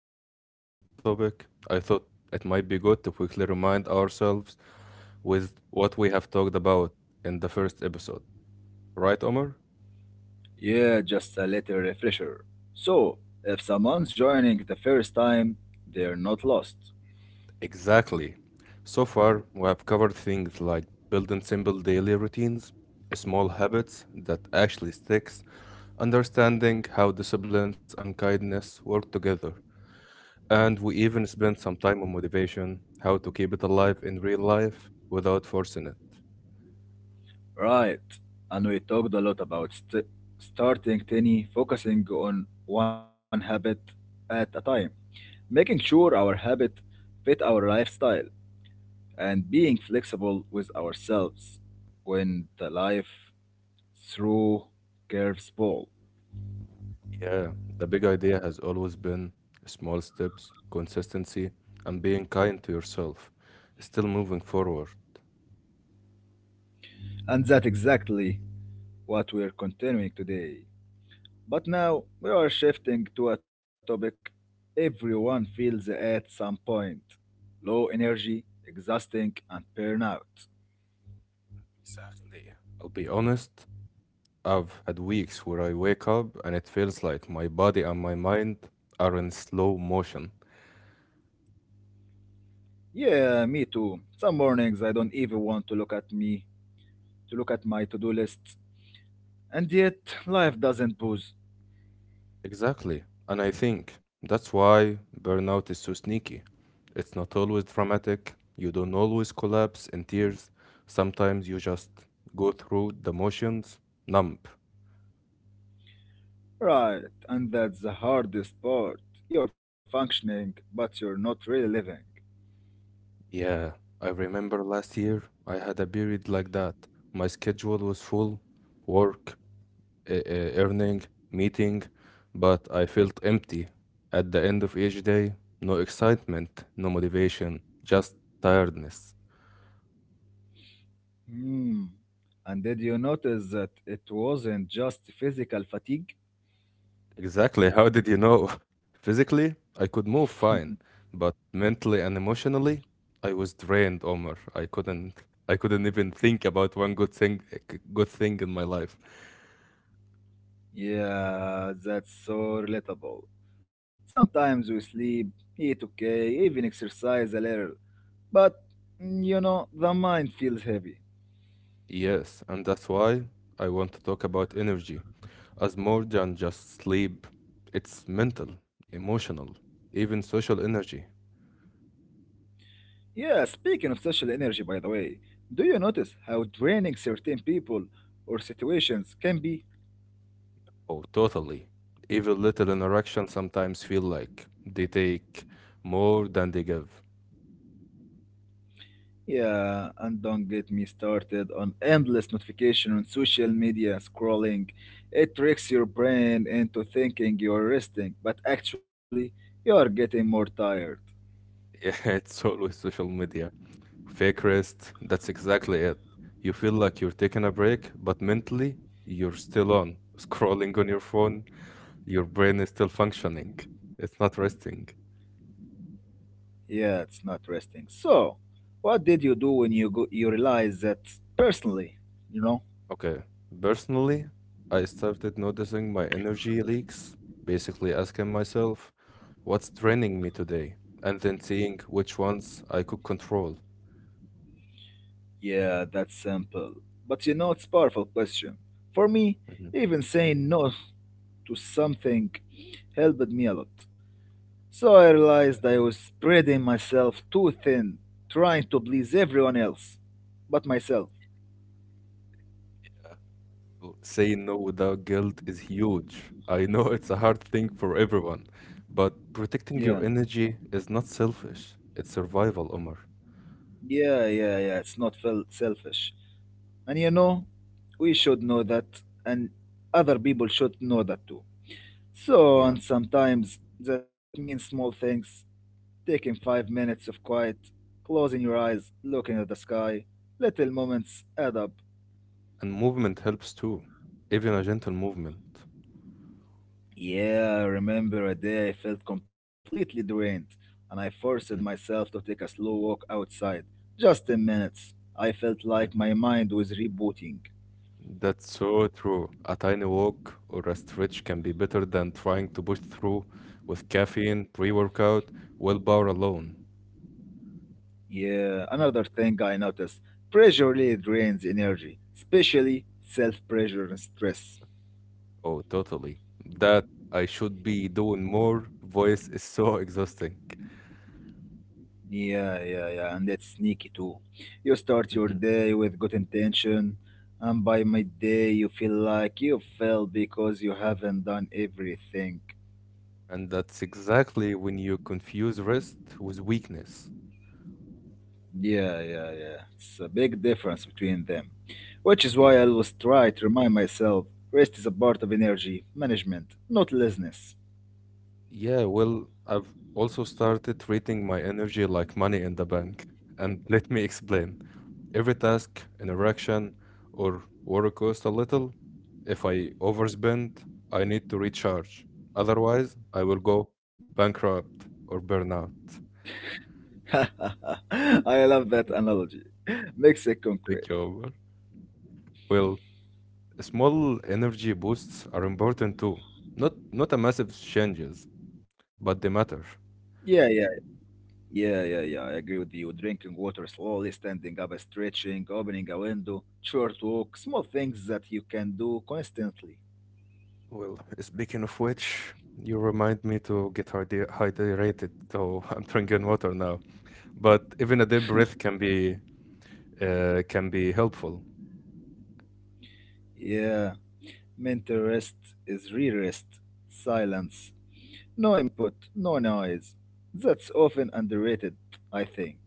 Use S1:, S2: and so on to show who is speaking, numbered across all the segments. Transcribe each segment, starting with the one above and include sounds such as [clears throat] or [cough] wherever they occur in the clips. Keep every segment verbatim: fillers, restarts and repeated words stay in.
S1: we dive into today's topic, I thought it might be good to quickly remind ourselves with what we have talked about in the first episode. Right, Omar?
S2: Yeah, just a little refresher. So, if someone's joining the first time, they're not lost.
S1: Exactly. So far, we have covered things like building simple daily routines, small habits that actually sticks, understanding how disciplines and kindness work together, and we even spent some time on motivation, how to keep it alive in real life without forcing it.
S2: Right. And we talked a lot about st- starting tiny, focusing on one habit at a time, making sure our habit fit our lifestyle, and being flexible with ourselves when the life through curves ball.
S1: Yeah, the big idea has always been small steps, consistency, and being kind to yourself. Still moving forward.
S2: And that's exactly what we're continuing today. But now we are shifting to a topic everyone feels at some point: low energy, exhausting, and burnout.
S1: Exactly. I'll be honest, I've had weeks where I wake up and it feels like my body and my mind are in slow motion.
S2: Yeah, me too. Some mornings I don't even want to look at me, to look at my to do list. And yet, life doesn't pause.
S1: Exactly. And I think that's why burnout is so sneaky. It's not always dramatic, you don't always collapse in tears. Sometimes you just go through the motions, numb.
S2: Right, and that's the hardest part. You're functioning, but you're not really living.
S1: Yeah, I remember last year I had a period like that. My schedule was full, work, e- e- earning, meeting, but I felt empty. At the end of each day, no excitement, no motivation, just tiredness.
S2: Hmm. And did you notice that it wasn't just physical fatigue?
S1: Exactly, how did you know? [laughs] Physically, I could move fine, but mentally and emotionally, I was drained, Omar. I couldn't I couldn't even think about one good thing eh, good thing in my life.
S2: Yeah, that's so relatable. Sometimes we sleep, eat okay, even exercise a little, but mm, you know, the mind feels heavy.
S1: Yes, and that's why I want to talk about energy as more than just sleep. It's mental, emotional, even social energy.
S2: Yeah, speaking of social energy, by the way, do you notice how draining certain people or situations can be?
S1: Oh, totally. Even little interactions sometimes feel like they take more than they give. [laughs]
S2: Yeah, and don't get me started on endless notification on social media scrolling. It tricks your brain into thinking you're resting, but actually, you are getting more tired.
S1: Yeah, it's always social media. Fake rest, that's exactly it. You feel like you're taking a break, but mentally, you're still on, scrolling on your phone, your brain is still functioning. It's not resting.
S2: Yeah, it's not resting. So, what did you do when you go you realize that personally, you know?
S1: Okay. Personally, I started noticing my energy leaks, basically asking myself, what's draining me today? And then seeing which ones I could control.
S2: Yeah, that's simple. But you know it's powerful question. For me,
S1: Mhm,
S2: even saying no to something helped me a lot. So I
S1: mhm.
S2: realized I was spreading myself too thin, trying to please everyone else but myself.
S1: Well, saying no without guilt is huge. I know it's a hard thing for everyone, but protecting
S2: Yeah.
S1: your energy is not selfish. It's survival, Omar.
S2: Yeah, yeah, yeah. It's not fel- selfish. And you know, we should know that and other people should know that too. So,
S1: Yeah.
S2: and sometimes that means small things: taking five minutes of quiet, closing your eyes, looking at the sky. Little moments add up.
S1: And movement helps too, even a gentle movement.
S2: Yeah, I remember a day I felt completely drained, and I forced
S1: Mm,
S2: myself to take a slow walk outside. Just ten minutes. I felt like
S1: mhm.
S2: my mind was rebooting.
S1: That's so true. A tiny walk or a stretch can be better than trying to push through with caffeine, pre-workout, willpower alone.
S2: Yeah, another thing I noticed: pressure really drains energy, especially self pressure and stress.
S1: Oh, totally. That I should be doing more voice is so [laughs] exhausting.
S2: Yeah, yeah, yeah, and it's sneaky too. You start your
S1: Mhm.
S2: day with good intention, and by midday you feel like you failed because you haven't done everything.
S1: And that's exactly when you confuse rest with weakness.
S2: Yeah, yeah, yeah. It's a big difference between them, which is why I
S1: Yeah.
S2: always try to remind myself rest is a part of energy management, not laziness.
S1: Yeah, well, I've also started treating my energy like money in the bank. And [laughs] let me explain. Every task, an erection, or work costs a little. If I overspend, I need to recharge. Otherwise, I will go bankrupt or burn out.
S2: [laughs] I love that
S1: [laughs]
S2: analogy. Makes it
S1: Thank you,
S2: concrete.
S1: Omar. Well, small energy boosts are important too. Not not a massive changes, but they matter.
S2: Yeah, yeah. Yeah, yeah, yeah, I agree with you. Drinking water slowly, standing up, stretching, opening a window, short walk, small things that you can do constantly.
S1: Well, speaking of which, you remind me to get hyde- hydrated, so [laughs] I'm drinking water now. But even a deep breath can be uh, can be helpful.
S2: Yeah, mental rest is real rest, silence, no input, no noise. That's often underrated, I think.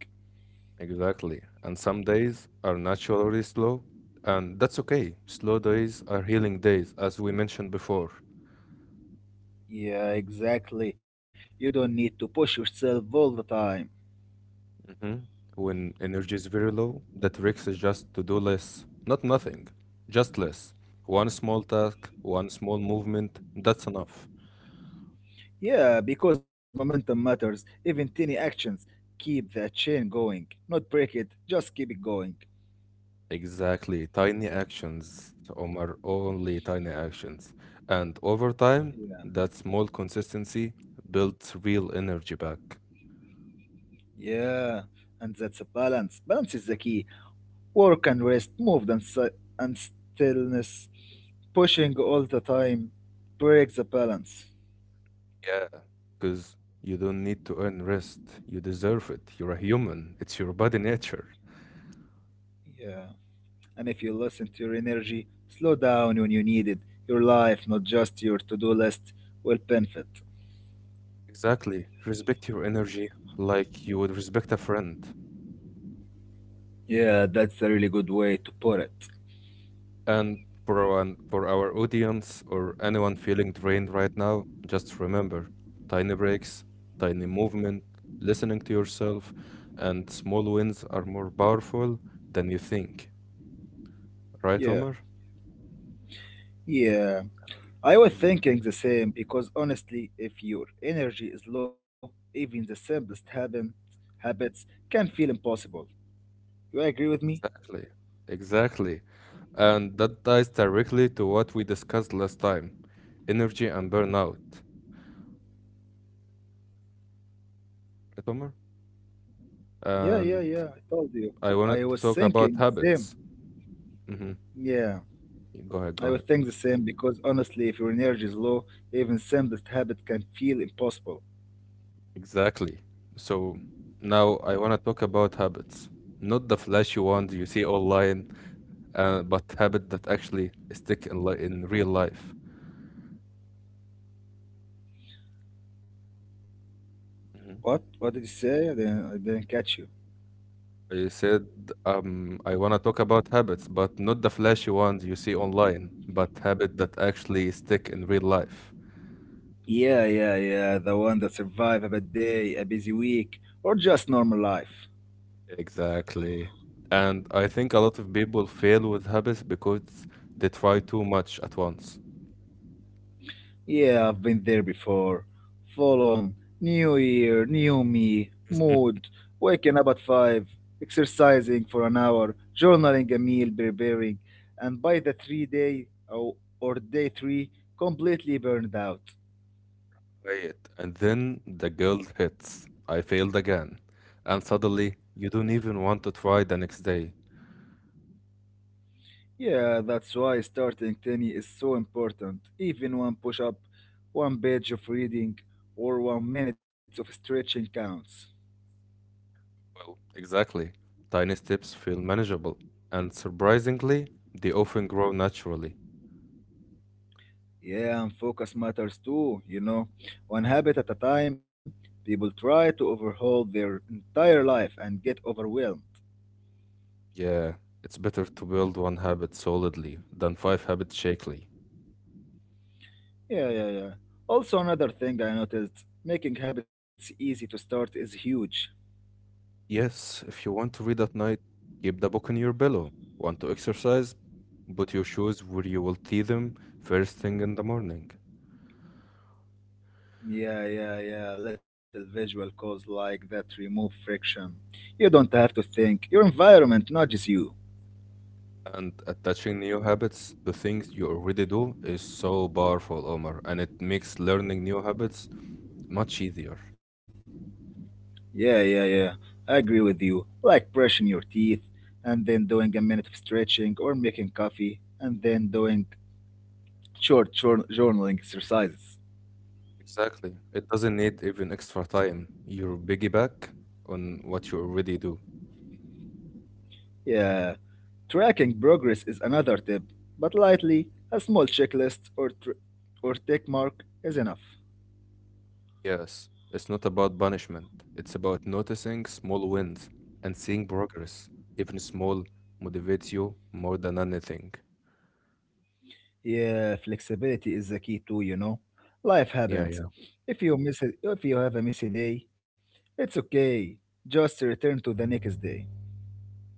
S1: Exactly. And some days are naturally slow, and that's okay. Slow days are healing days, as we mentioned before.
S2: Yeah, exactly. You don't need to push yourself all the time.
S1: hmm When energy is very low, the trick is just to do less, not nothing, just less. One small task, one small movement, that's enough.
S2: Yeah, because momentum matters, even tiny actions keep the chain going, not break it, just keep it going.
S1: Exactly. Tiny actions, Omar, only tiny actions. And over time,
S2: Yeah.
S1: that small consistency builds real energy back.
S2: Yeah, and that's a balance. Balance is the key. Work and rest, movement and, si- and stillness, pushing all the time breaks the balance.
S1: Yeah, because you don't need to earn rest. You deserve it. You're a human. It's your body nature.
S2: Yeah, and if you listen to your energy, slow down when you need it. Your life, not just your to do list, will benefit.
S1: Exactly. Respect your energy like you would respect a friend.
S2: Yeah, that's a really good way to put it.
S1: And for our, for our audience or anyone feeling drained right now, just remember tiny breaks, tiny movement, listening to yourself, and small wins are more powerful than you think. Right,
S2: Yeah,
S1: Omar?
S2: yeah. I was
S1: Yeah.
S2: thinking the same because honestly, if your energy is low, even the simplest habit, habits can feel impossible. You agree with me?
S1: Exactly, exactly. And that ties directly to what we discussed last time, energy and burnout. Right, Omar?
S2: Yeah, yeah,
S1: And
S2: yeah. I told you.
S1: I wanted
S2: I
S1: to
S2: was
S1: talk about
S2: thinking the same.
S1: habits. hmm
S2: Yeah,
S1: Go ahead, go
S2: I
S1: ahead.
S2: would think the same because honestly, if your energy is low, even simplest habit can feel impossible.
S1: Exactly. So now I want to talk about habits. Not the flashy ones you see online, uh, but habits that actually stick in, li in real life. Mm-hmm.
S2: What? What did you say? I didn't, I didn't catch you.
S1: I said, um, I want to talk about habits, but not the flashy ones you see online, but habits that actually stick in real life.
S2: Yeah, yeah, yeah. The one that survive a bad day, a busy week, or just normal life.
S1: Exactly. And I think a lot of people fail with habits because they try too much at once.
S2: Yeah, I've been there before. Full on. New year, new me, mood, waking up at five, exercising for an hour, journaling a meal preparing, and by the three day or, or day three, completely burned out.
S1: Right. And then the guilt hits. I failed again. And suddenly, you don't even want to try the next day.
S2: Yeah, that's why starting tiny is so important. Even one push up, one page of reading, or one minute of stretching counts.
S1: Well, exactly. Tiny steps feel manageable. And surprisingly, they often grow naturally.
S2: Yeah, and focus matters too, you know. One habit at a time, people try to overhaul their entire life and get overwhelmed.
S1: Yeah, it's better to build one habit solidly than five habits shakily.
S2: Yeah, yeah, yeah. Also, another thing I noticed: making habits easy to start is huge.
S1: Yes, if you want to read at night, keep the book on your pillow. Want to exercise? Put your shoes where you will see them first thing in the morning.
S2: Yeah, yeah, yeah. Little visual calls like that remove friction. You don't have to think, your environment nudges you.
S1: And attaching new habits to things you already do is so powerful, Omar, and it makes learning new habits much easier.
S2: Yeah, yeah, yeah. I agree with you. Like brushing your teeth, and then doing a minute of stretching, or making coffee, and then doing short jour- journaling exercises.
S1: Exactly. It doesn't need even extra time. You're piggyback on what you already do.
S2: Yeah. Tracking progress is another tip, but lightly, a small checklist or, tr- or tick mark is enough.
S1: Yes, it's not about punishment. It's about noticing small wins and seeing progress. Even small motivates you more than anything.
S2: Yeah, flexibility is the key too, you know. Life
S1: Yeah,
S2: happens.
S1: yeah.
S2: If you miss it, if you have a missy day, it's okay. Just return to the next day.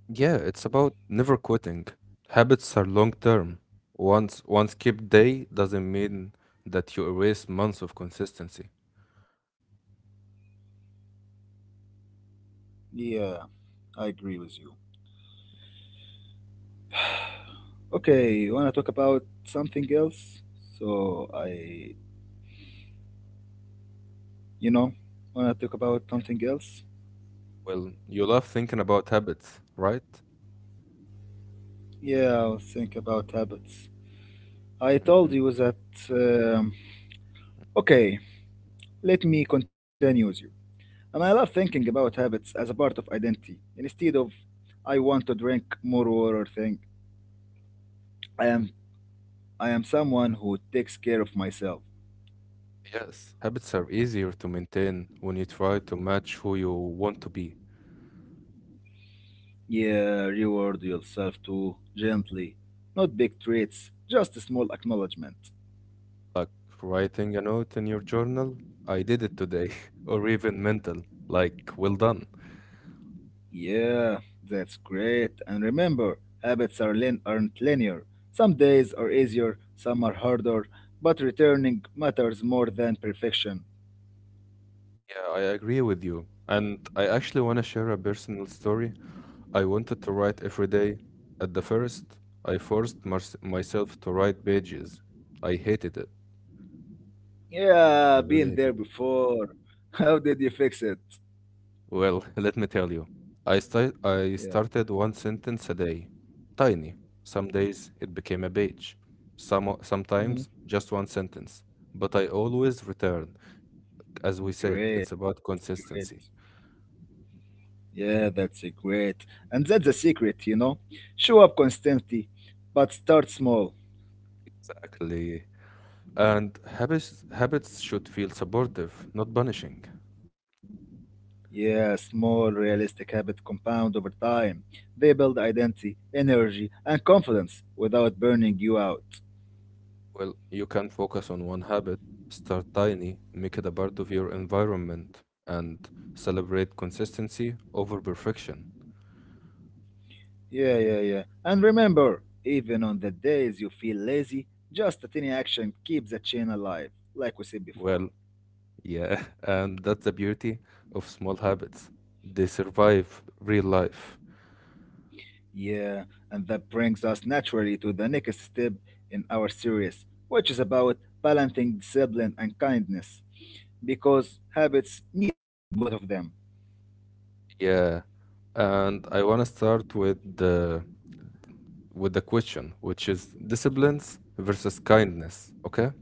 S1: Yeah, it's about never quitting. Habits are long term. Once one skip day doesn't mean that you erase months of consistency.
S2: Yeah, I agree with you. [sighs] Okay, you wanna talk about something else? So I, you know, wanna talk about something else?
S1: Well, you love thinking about habits, right?
S2: Yeah, I was thinking about habits. I told
S1: Hmm.
S2: you that. Um, okay, let me continue with you. And I love thinking about habits as a part of identity. Instead of I want to drink more water thing, I am I am someone who takes care of myself.
S1: Yes. Habits are easier to maintain when you try to match who you want to be.
S2: Yeah, reward yourself too gently. Not big treats, just a small acknowledgement.
S1: Like writing a note in your journal, I did it today, [laughs] or even mental, like, well done.
S2: Yeah, that's great. And remember, habits are lin- aren't linear. Some days are easier, some are harder, but returning matters more than perfection.
S1: Yeah, I agree with you. And I actually want to share a personal story. I wanted to write every day. At the first, I forced mars- myself to write pages. I hated it. I
S2: Yeah,
S1: really
S2: been there
S1: hated it.
S2: before. [laughs] How did you fix it?
S1: Well, [laughs] let me tell you. I sta- I
S2: Yeah.
S1: started one sentence a day. Tiny. Some days it became a page. Some
S2: Mm.
S1: sometimes just one sentence. But I always returned. As we said,
S2: Great,
S1: it's about
S2: great.
S1: consistency.
S2: Yeah,
S1: Hmm.
S2: that's a great. And that's the secret, you know. Show up constantly, but start small.
S1: Exactly. And habits habits should feel supportive, not punishing.
S2: Yeah, small realistic habits compound over time. They build identity, energy, and confidence without burning you out.
S1: Well, you can focus on one habit, start tiny, make it a part of your environment, and celebrate consistency over perfection.
S2: Yeah, yeah, yeah. And remember, even on the days you feel lazy, just a tiny action keeps the chain alive, like we said before.
S1: Well, yeah, [laughs] and that's the beauty of small habits. They survive real life.
S2: Yeah, and that brings us naturally to the next step in our series, which is about balancing discipline and kindness, because habits need both of them.
S1: Yeah. And I want to start with the with the question, which is disciplines versus kindness. Okay.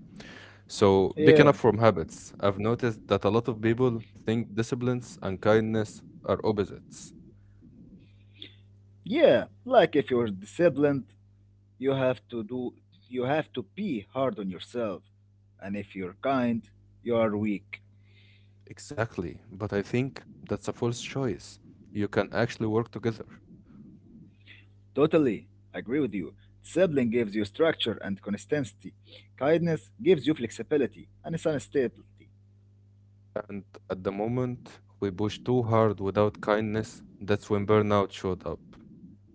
S1: So, picking
S2: Yeah,
S1: up from habits, I've noticed that a lot of people think disciplines and kindness are opposites.
S2: yeah, like if you're disciplined, You have to do you have to be hard on yourself. And if you're kind, you are weak.
S1: Exactly. But I think that's a false choice. You can actually work together.
S2: Totally agree with you. Discipline gives you structure and consistency. Kindness gives you flexibility and stability.
S1: And at the moment we push too hard without kindness, that's when burnout showed up.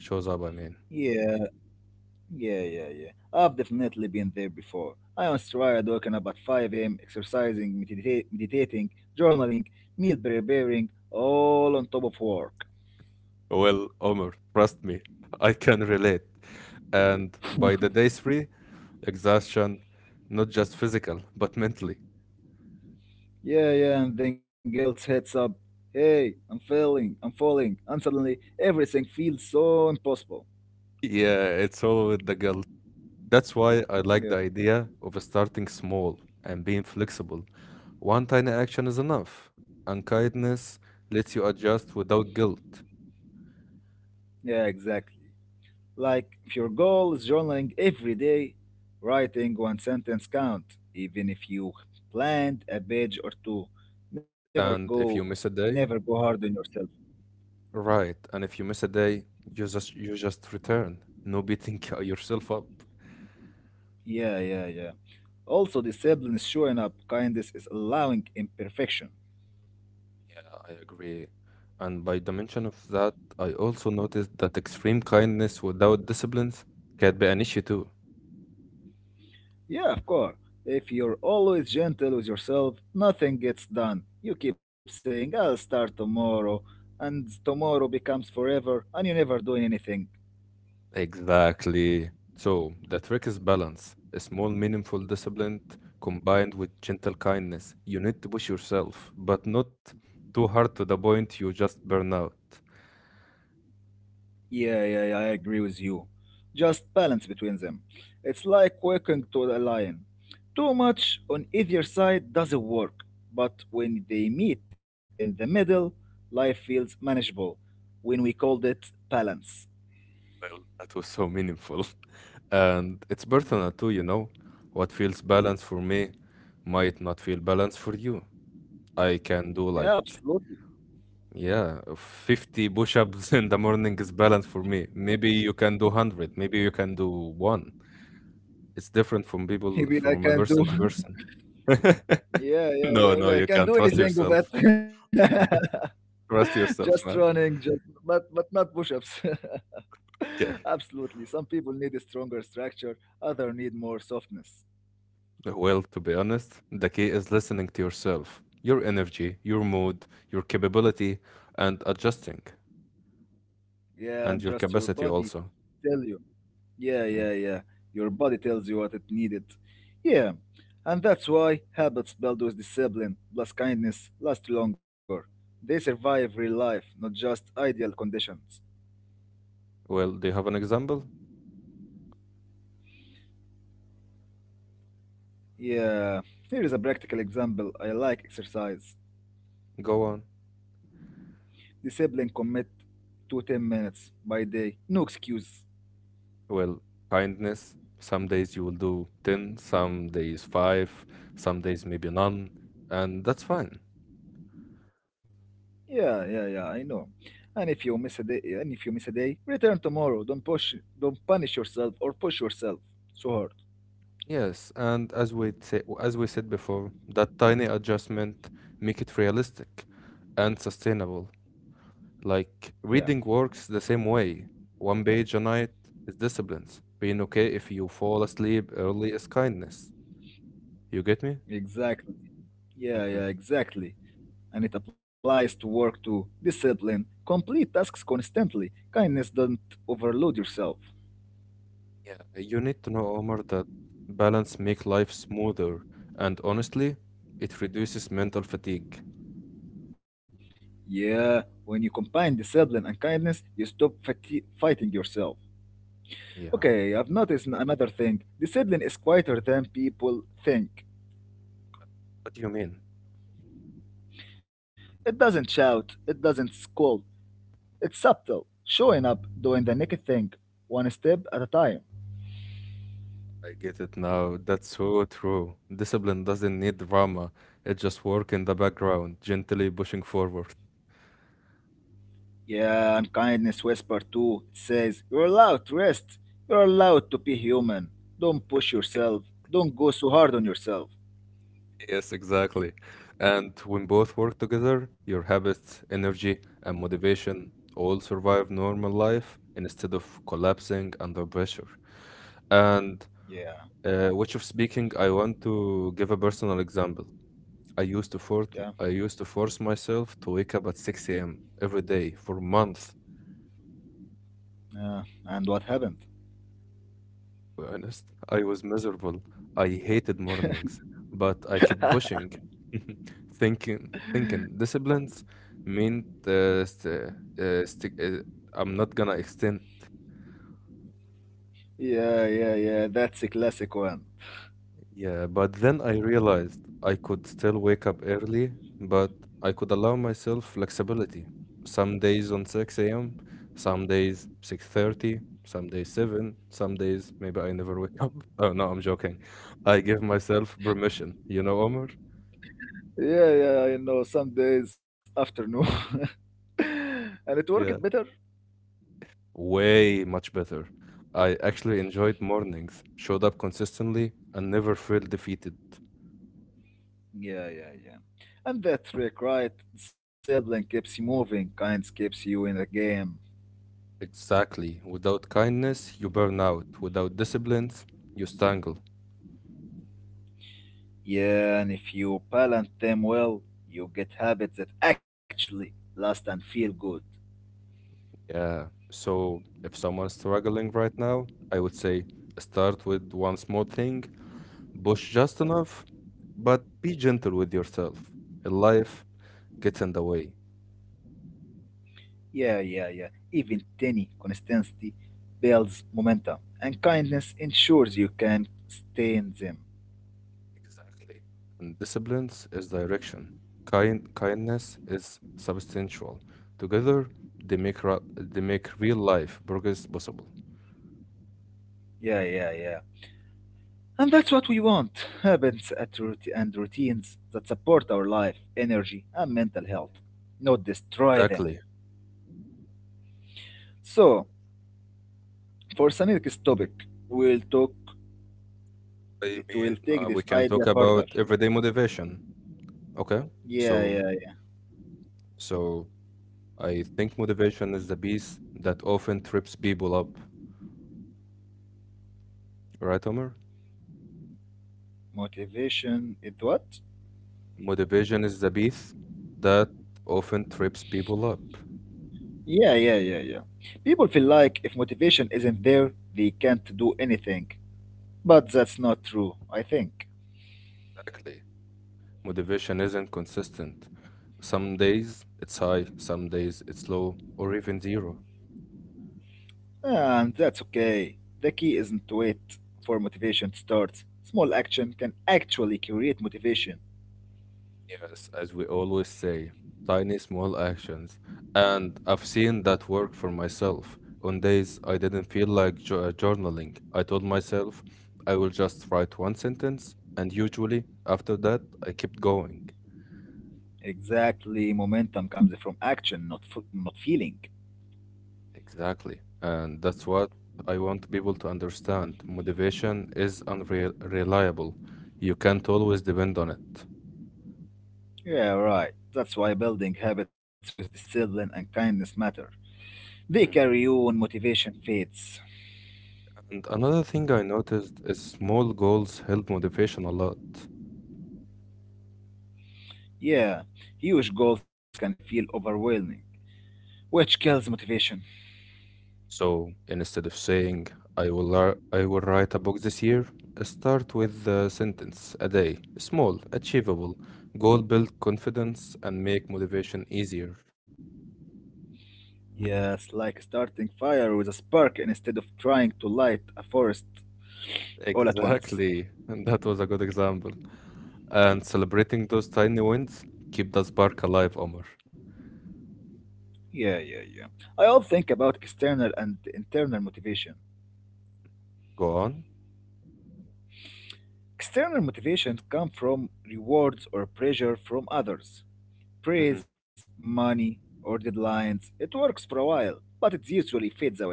S1: Shows up, I mean.
S2: Yeah, yeah, yeah, yeah. I've definitely been there before. I once tried waking up at five a m, exercising, medita- meditating, journaling, meal preparing, all on top of work.
S1: Well, Omar, trust me, [laughs] I can relate. And by the day three, exhaustion, not just physical, but mentally.
S2: Yeah, yeah, and then guilt hits up. Hey, I'm failing, I'm falling, and suddenly everything feels so impossible.
S1: Yeah, it's all with the guilt. That's why I like
S2: Yeah,
S1: the idea of starting small and being flexible. One tiny action is enough, and kindness lets you adjust without guilt.
S2: yeah, exactly. Like if your goal is journaling every day, writing one sentence count, even if you planned a page or two. Never
S1: And if
S2: go,
S1: you miss a day,
S2: never go hard on yourself.
S1: Right, and if you miss a day, you just you just return. No beating [laughs] yourself up.
S2: Yeah, yeah, yeah. Also, discipline is showing up. Kindness is allowing imperfection.
S1: Yeah, I agree. And by dimension of that, I also noticed that extreme kindness without disciplines can be an issue too.
S2: Yeah, of course. If you're always gentle with yourself, nothing gets done. You keep saying, I'll start tomorrow, and tomorrow becomes forever, and you're never doing anything.
S1: Exactly. So the trick is balance. A small, meaningful discipline combined with gentle kindness. You need to push yourself, but not too hard to the point you just burn out.
S2: Yeah, yeah, yeah, I agree with you. Just balance between them. It's like walking to a lion. Too much on either side doesn't work, but when they meet in the middle, life feels manageable. When we called it balance.
S1: Well, that was so meaningful. [laughs] And it's personal too, you know. What feels balanced for me might not feel balanced for you. I can do
S2: Yeah,
S1: like,
S2: absolutely.
S1: yeah, fifty push-ups [laughs] in the morning is balanced for me. Maybe you can do one hundred, maybe you can do one. It's different from
S2: [laughs]
S1: people
S2: Maybe I
S1: from a
S2: can do
S1: person to person. [laughs]
S2: Yeah, yeah,
S1: No,
S2: yeah.
S1: no,
S2: yeah, I
S1: you
S2: can
S1: can
S2: do
S1: trust
S2: anything of
S1: yourself.
S2: that. [laughs]
S1: Trust
S2: Just
S1: yourself,
S2: running,
S1: man.
S2: just but but not push-ups. [laughs]
S1: Yeah.
S2: Absolutely. Some people need a stronger structure, other need more softness.
S1: Well, to be honest, the key is listening to yourself, your energy, your mood, your capability, and adjusting,
S2: Yeah,
S1: and
S2: and
S1: your
S2: just your
S1: capacity
S2: body
S1: also.
S2: tell you. Yeah,
S1: Mm.
S2: yeah, yeah. Your body tells you what it needed. Yeah. And that's why habits built with discipline plus kindness last longer. They survive real life, not just ideal conditions.
S1: Well, do you have an example?
S2: Yeah, here is a practical example. I like exercise.
S1: Go on.
S2: The sibling commit to ten minutes by day. No excuse.
S1: Well, kindness, some days you will do ten, some days five, some days maybe none, and that's fine.
S2: Yeah, yeah, yeah, I know. And if you miss a day, and if you miss a day, return tomorrow. Don't push, don't punish yourself or push yourself so hard.
S1: Yes, and as we say, as we said before, that tiny adjustment make it realistic and sustainable. Like
S2: Yeah,
S1: reading works the same way. One page a night is discipline. Being okay if you fall asleep early is kindness. You get me?
S2: exactly. Yeah,
S1: Mhm.
S2: yeah, exactly. And it applies to work too. Discipline, complete tasks constantly. Kindness do not overload yourself.
S1: Yeah, you need to know, Omar, that balance make life smoother, and honestly, it reduces mental fatigue.
S2: Yeah, when you combine discipline and kindness, you stop fati- fighting yourself.
S1: Yeah,
S2: Okay, I've noticed n- another thing. The sibling is quieter than people think.
S1: what do you mean?
S2: It doesn't shout, it doesn't scold. It's subtle, showing up, doing the naked thing, one step at a time.
S1: I get it now. That's so true. Discipline doesn't need drama. It just work in the background, gently pushing forward.
S2: Yeah, and kindness whisper too. It says, you're allowed to rest. You're allowed to be human. Don't push yourself. Don't go so hard on yourself.
S1: Yes, exactly. And when both work together, your habits, energy, and motivation all survive normal life instead of collapsing under pressure. And
S2: Yeah,
S1: Uh, which of speaking, I want to give a personal example. I used to force
S2: yeah.
S1: I used to force myself to wake up at six a m every day for months.
S2: Uh, and what happened?
S1: To be honest, I was miserable. I hated mornings, but I kept
S2: [laughs]
S1: pushing, [laughs] thinking, thinking. Disciplines meant uh, st uh, sti uh, I'm not gonna extend.
S2: Yeah, yeah, yeah. That's a classic one.
S1: Yeah, but then I realized I could still wake up early, but I could allow myself flexibility. Some days on six a m, some days six thirty, some days seven, some days maybe I never wake up. [laughs] Oh no, I'm joking. I give myself permission, you know, Omar?
S2: Yeah, yeah, I know. Some days afternoon, [laughs] and it worked better?
S1: Yeah, way much better. I actually enjoyed mornings, showed up consistently, and never felt defeated.
S2: Yeah, yeah, yeah. And that trick, right? Discipline keeps you moving, kinds keeps you in the game.
S1: Exactly. Without kindness, you burn out. Without disciplines, you strangle.
S2: Yeah, and if you balance them well, you get habits that actually last and feel good.
S1: Yeah. So if someone's struggling right now, I would say start with one small thing, push just enough, but be gentle with yourself. In life gets in the way.
S2: Yeah, yeah, yeah. Even tiny consistency builds momentum, and kindness ensures you can stay in them.
S1: Exactly. And disciplines is direction. Kind kindness is substantial. Together they make ra- they make real life progress possible.
S2: Yeah, yeah, yeah. And that's what we want habits at rout- and routines that support our life, energy, and mental health, not destroy them.
S1: Exactly.
S2: So, for the next topic, we'll talk.
S1: I
S2: We'll
S1: mean,
S2: take
S1: uh,
S2: this
S1: we can
S2: idea
S1: talk
S2: further.
S1: about everyday motivation. Okay.
S2: Yeah,
S1: So
S2: yeah, yeah.
S1: so I think motivation is the beast that often trips people up. Right, Omar?
S2: Motivation. It what?
S1: Motivation is the beast that often trips people up.
S2: Yeah, yeah, yeah, yeah. People feel like if motivation isn't there, they can't do anything. But that's not true, I think.
S1: Exactly. Motivation isn't consistent. Some days it's high, some days it's low, or even zero.
S2: And that's okay. The key isn't to wait for motivation to start. Small action can actually create motivation.
S1: Yes, as we always say, tiny small actions. And I've seen that work for myself. On days I didn't feel like jo- uh, journaling, I told myself I will just write one sentence, and usually after that, I kept going.
S2: Exactly, momentum comes from action, not f- not feeling.
S1: Exactly. And that's what I want people to understand. Motivation is unreliable. You can't always depend on it.
S2: Yeah, right. That's why building habits with discipline and kindness matter. They carry
S1: Mm.
S2: you when motivation fades.
S1: And another thing I noticed is small goals help motivation a lot.
S2: Yeah, huge goals can feel overwhelming, which kills motivation.
S1: So instead of saying, I will, lar- I will write a book this year, start with the sentence a day, small, achievable, goal build confidence and make motivation easier.
S2: Yes, like starting fire with a spark instead of trying to light a forest all at once.
S1: Exactly. [laughs] And that was a good example. And celebrating those tiny wins, keep the spark alive, Omar.
S2: Yeah, yeah, yeah. I all think about external and internal motivation.
S1: Go on.
S2: External motivations come from rewards or pressure from others, praise, money, or deadlines. It works for a while, but it usually fades away.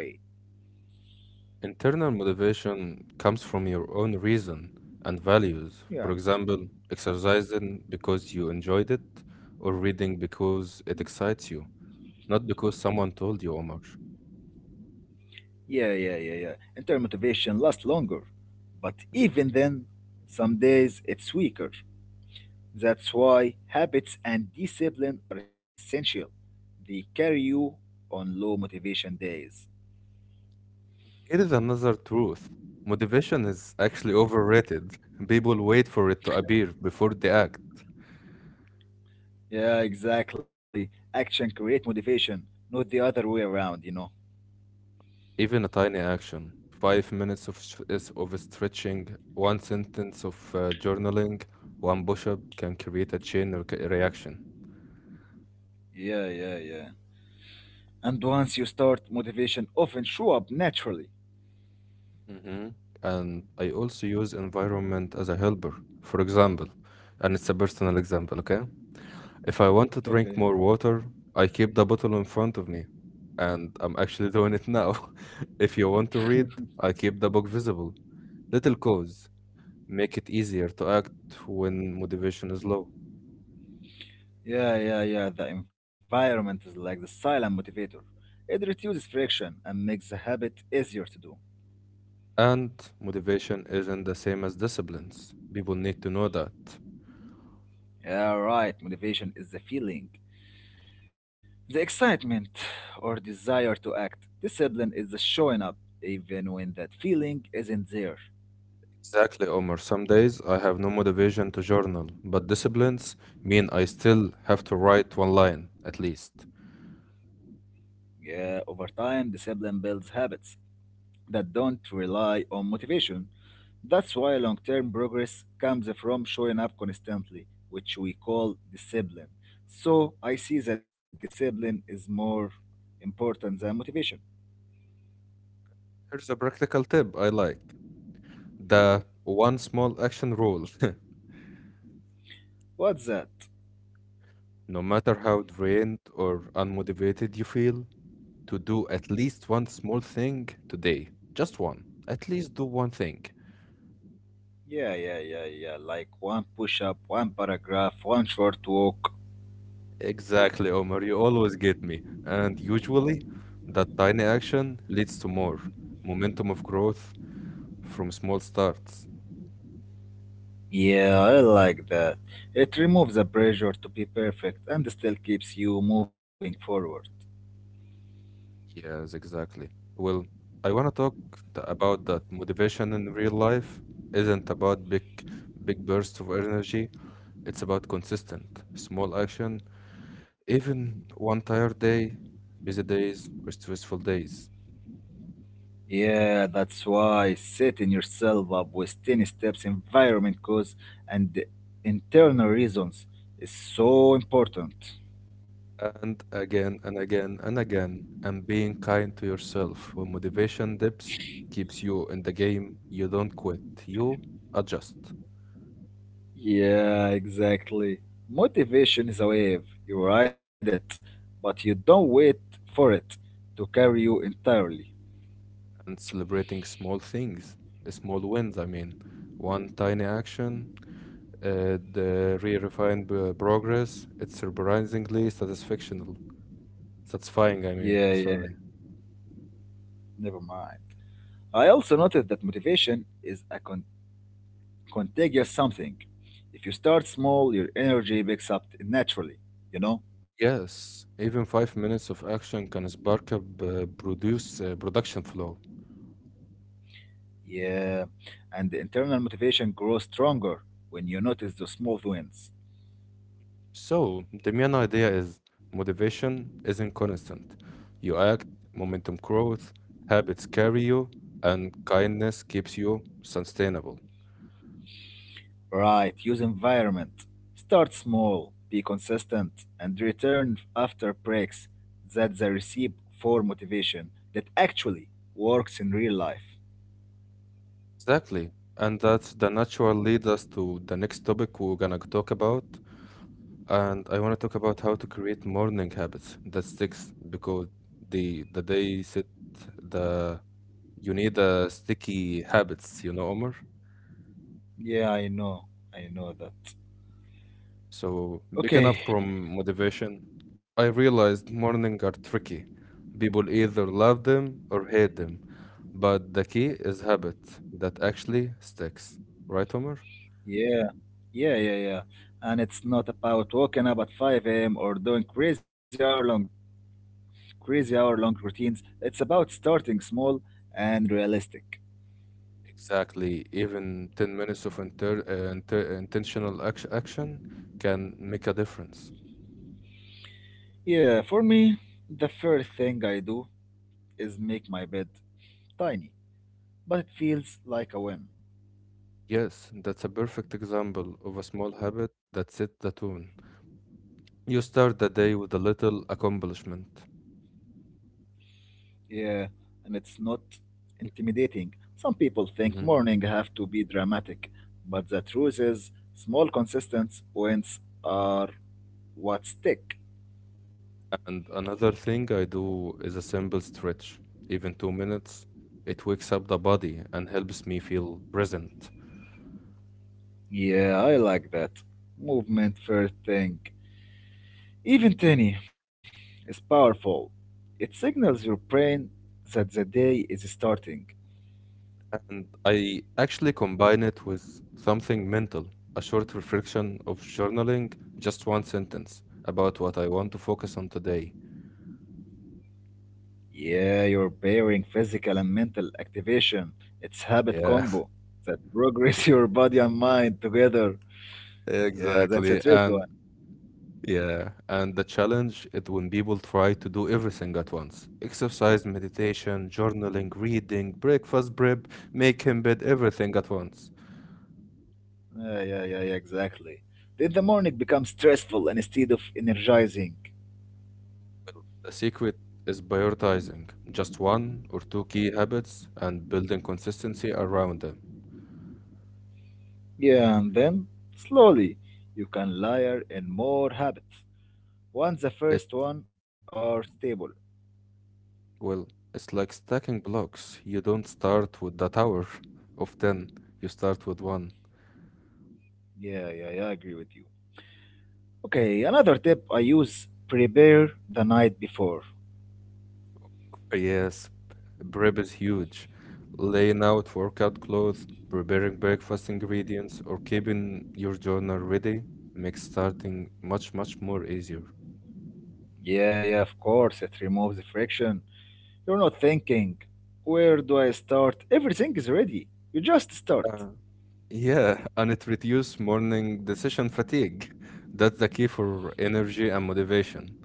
S1: Internal motivation comes from your own reason and values.
S2: Yeah,
S1: For example, exercising because you enjoyed it, or reading because it excites you, not because someone told you, Omar.
S2: yeah, yeah, yeah, yeah. Internal motivation lasts longer, but
S1: Mhm.
S2: even then, some days it's weaker. That's why habits and discipline are essential. They carry you on low motivation days.
S1: Here is another truth. Motivation is actually overrated. [laughs] People wait for it to appear before they act.
S2: Yeah, exactly. Action create motivation, not the other way around, you know.
S1: Even a tiny action, five minutes of, s- is- of stretching, one sentence of uh, journaling, one push up can create a chain re- reaction.
S2: Yeah, yeah, yeah. And once you start, motivation often show up naturally.
S1: Hmm. And I also use environment as a helper. For example, and it's a personal example, okay? If I want to drink
S2: Okay.
S1: more water, I keep the bottle in front of me, and I'm actually doing it now. [laughs] If you want to read, I keep the book visible. Little cause make it easier to act when motivation is low.
S2: Yeah, yeah, yeah. The environment is like the silent motivator. It reduces friction and makes the habit easier to do.
S1: And motivation isn't the same as disciplines. People need to know that.
S2: Yeah, right. Motivation is the feeling, the excitement or desire to act. Discipline is the showing up, even when that feeling isn't there.
S1: Exactly, Omar. Some days I have no motivation to journal, but disciplines mean I still have to write one line, at least.
S2: Yeah, over time, discipline builds habits that don't rely on motivation. That's why long term progress comes from showing up constantly, which we call discipline. So I see that discipline is more important than motivation.
S1: Here's a practical tip I like. The one small action rule. [laughs]
S2: What's that?
S1: No matter how drained or unmotivated you feel, to do at least one small thing today. Just one. At least do one thing.
S2: Yeah, yeah, yeah, yeah. Like one push up, one paragraph, one short walk.
S1: Exactly, Omar. You always get me. And usually, that tiny action leads to more momentum of growth from small starts.
S2: Yeah, I like that. It removes the pressure to be perfect and still keeps you moving forward.
S1: Yes, exactly. Well, I want to talk th- about that. Motivation in real life isn't about big, big bursts of energy. It's about consistent, small action, even one tired day, busy days, or stressful days.
S2: Yeah, that's why setting yourself up with ten steps environment cause and internal reasons is so important.
S1: And again and again and again, and being kind to yourself. When motivation dips, keeps you in the game. You don't quit, you adjust.
S2: Yeah, exactly. Motivation is a wave, you ride it, but you don't wait for it to carry you entirely.
S1: And celebrating small things, small wins, I mean. One tiny action. Uh, the re-refined uh, progress, it's surprisingly satisfactional. Satisfying, I mean,
S2: Yeah, yeah,
S1: sorry.
S2: never mind. I also noted that motivation is a con- contagious something. If you start small, your energy picks up naturally, you know?
S1: Yes, even five minutes of action can spark up uh, produce uh, production flow.
S2: Yeah, and the internal motivation grows stronger when you notice the small wins.
S1: So the main idea is motivation isn't constant. You act, momentum grows, habits carry you, and kindness keeps you sustainable.
S2: Right, use environment. Start small, be consistent, and return after breaks. That's the recipe for motivation that actually works in real life.
S1: Exactly. And that the natural lead us to the next topic we're gonna talk about, and I want to talk about how to create morning habits that sticks because the the day set the you need the sticky habits, you know, Omar.
S2: Yeah, I know, I know that.
S1: So picking up
S2: Okay,
S1: from motivation, I realized morning are tricky. People either love them or hate them, but the key is habit that actually sticks, right, Omar?
S2: yeah, yeah, yeah, yeah. And it's not about waking up at five a m or doing crazy hour long crazy hour long routines. It's about starting small and realistic.
S1: Exactly. Even ten minutes of inter, uh, inter, intentional action, action can make a difference.
S2: Yeah, for me, the first thing I do is make my bed tiny, but it feels like a whim.
S1: Yes, that's a perfect example of a small habit that sets the tone. You start the day with a little accomplishment.
S2: Yeah, and it's not intimidating. Some people think
S1: Mhm.
S2: morning have to be dramatic, but the truth is, small consistent wins are what stick.
S1: And another thing I do is a simple stretch, even two minutes. It wakes up the body and helps me feel present.
S2: Yeah, I like that. Movement first thing. Even tiny, is powerful. It signals your brain that the day is starting.
S1: And I actually combine it with something mental, a short reflection of journaling, just one sentence about what I want to focus on today.
S2: Yeah, you're pairing physical and mental activation. It's habit
S1: Yeah,
S2: combo that progress [laughs]
S1: [laughs]
S2: your body and mind together. Yeah, that's a
S1: exactly.
S2: tricky
S1: And
S2: one.
S1: yeah, and the challenge is when people try to do everything at once. Exercise, meditation, journaling, reading, breakfast prep, making bed, everything at once.
S2: Yeah, yeah, yeah, yeah, exactly. Then the morning becomes stressful instead of energizing.
S1: The secret is prioritizing just one or two key habits and building consistency around them.
S2: Yeah, and then slowly you can layer in more habits. Once the
S1: It,
S2: first one are stable.
S1: well, it's like stacking blocks. You don't start with that hour of ten, you start with one.
S2: Yeah, yeah, yeah, I agree with you. Okay, another tip I use prepare the night before.
S1: Yes, prep is huge. Laying out workout clothes, preparing breakfast ingredients, or keeping your journal ready makes starting much, much more easier.
S2: Yeah, yeah, of course, it removes the friction. You're not thinking, where do I start? Everything is ready. You just start.
S1: Uh, yeah, and it reduces morning decision fatigue. That's the key for energy and motivation.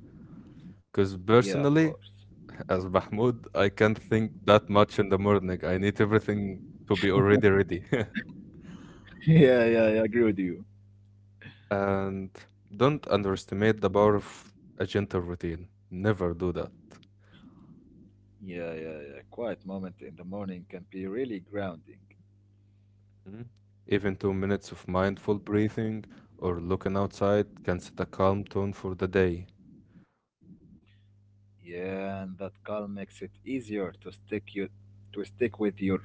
S1: Because
S2: Yeah, of course.
S1: personally, as Mahmoud, I can't think that much in the morning. I need everything to be already ready. [laughs]
S2: [laughs] Yeah, yeah, yeah, I agree with you.
S1: And don't underestimate the power of a gentle routine. Never do that.
S2: Yeah, yeah, yeah. Quiet moment in the morning can be really grounding.
S1: Mhm. Even two minutes of mindful breathing or looking outside can set a calm tone for the day.
S2: Yeah, and that calm makes it easier to stick you to stick with your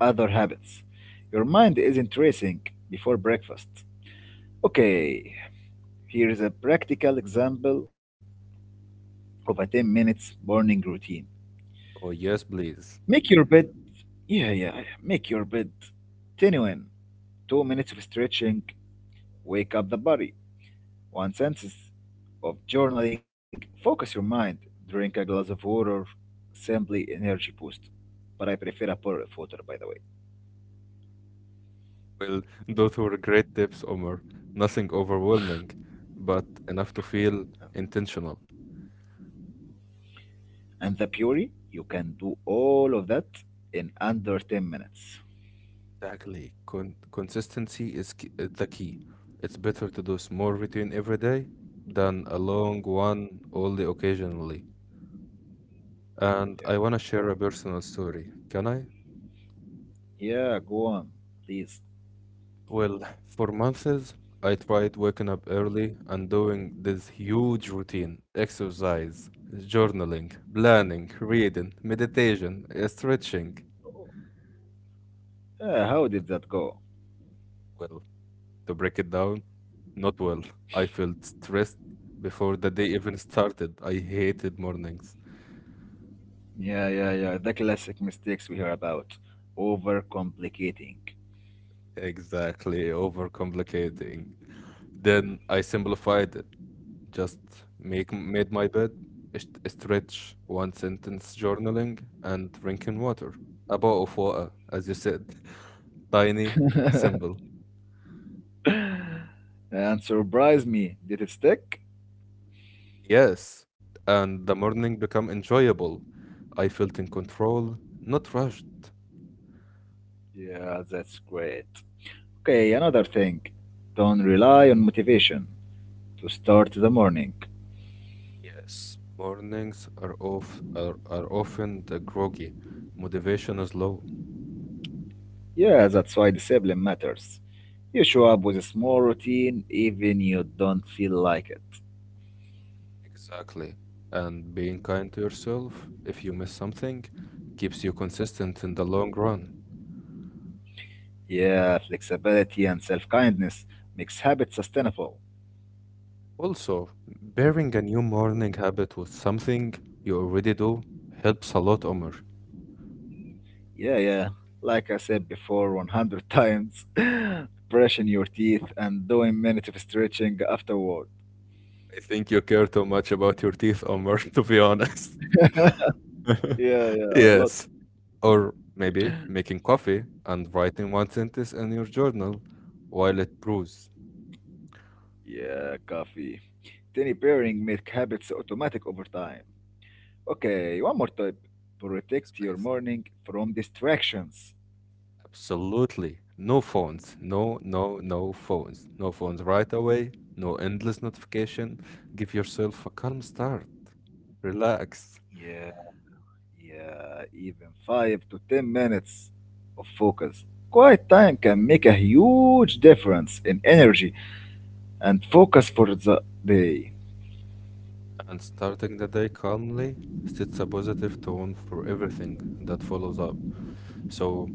S2: other habits. Your mind isn't racing before breakfast. Okay, here is a practical example of a ten minutes morning routine.
S1: Oh, yes, please.
S2: Make your bed. Yeah, yeah, yeah, make your bed. ten a m, two minutes of stretching, wake up the body. one sentence of journaling, focus your mind, drink a glass of water, simply energy boost. But I prefer a pour of water, by the way.
S1: Well, [laughs] those were great tips, Omar. Nothing overwhelming, but enough to feel intentional.
S2: And the Puri, you can do all of that in under ten minutes.
S1: Exactly. Con- consistency is key- uh, the key. It's better to do small routine every day than a long one only occasionally.
S2: Yeah.
S1: And I want to share a personal story. Can I?
S2: Yeah, go on, please.
S1: Well, for months, I tried waking up early and doing this huge routine exercise, journaling, planning, reading, meditation, uh, stretching.
S2: Uh, how did that go?
S1: Well, to break it down, not well. I felt stressed before the day even started. I hated mornings.
S2: Yeah, yeah, yeah. The classic mistakes we hear about. Overcomplicating.
S1: Exactly, overcomplicating. Then I simplified it. Just make made my bed, est- stretch, one sentence journaling, and drinking water. A bowl of water, as you said. [laughs] Tiny, simple.
S2: [laughs] And surprise me. Did it stick?
S1: Yes. And the morning become enjoyable. I felt in control, not rushed.
S2: Yeah, that's great. Okay, another thing. Don't rely on motivation to start the morning.
S1: Yes. Mornings are off are, are often the groggy. Motivation is low.
S2: Yeah, that's why discipline matters. You show up with a small routine even you don't feel like it.
S1: Exactly. And being kind to yourself, if you miss something, keeps you consistent in the long run.
S2: Yeah, flexibility and self-kindness makes habits sustainable.
S1: Also, pairing a new morning habit with something you already do helps a lot, Omar.
S2: Yeah, yeah. Like I said before a hundred times, [laughs] brushing your teeth and doing minutes of stretching afterward.
S1: I think you care too much about your teeth, Omar, [laughs] to be honest. [laughs]
S2: Yeah, yeah, a lot.
S1: Yes. Or maybe
S2: [clears throat]
S1: making coffee and writing one sentence in your journal while it brews.
S2: Yeah, coffee. Tiny
S1: Mm.
S2: pairing make habits so automatic over time. Okay, one more tip.
S1: Yes,
S2: Protect your
S1: please.
S2: morning from distractions.
S1: Absolutely. No phones. No, no, no phones. No phones right away. No endless notification. Give yourself a calm start. Relax.
S2: Yeah, yeah, even five to ten minutes of focus. Quiet time can make a huge difference in energy and focus for the day.
S1: And starting the day calmly sets a positive tone for everything that follows up. So,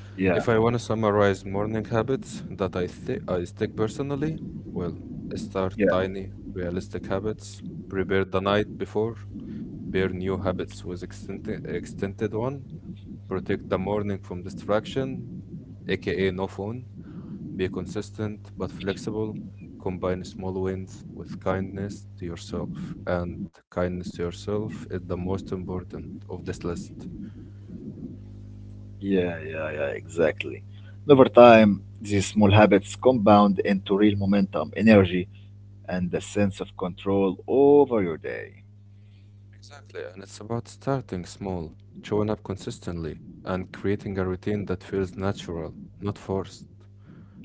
S2: Yeah,
S1: if I want to summarize morning habits that I think I stick personally, well, start
S2: yeah.
S1: tiny, realistic habits, prepare the night before, bear new habits with extended extended one, protect the morning from distraction, aka no phone, be consistent but flexible. Combine small wins with kindness to yourself. And kindness to yourself is the most important of this list.
S2: Yeah, yeah, yeah, exactly. And over time, these small habits compound into real momentum, energy, and a sense of control over your day.
S1: Exactly. And it's about starting small, showing up consistently, and creating a routine that feels natural, not forced.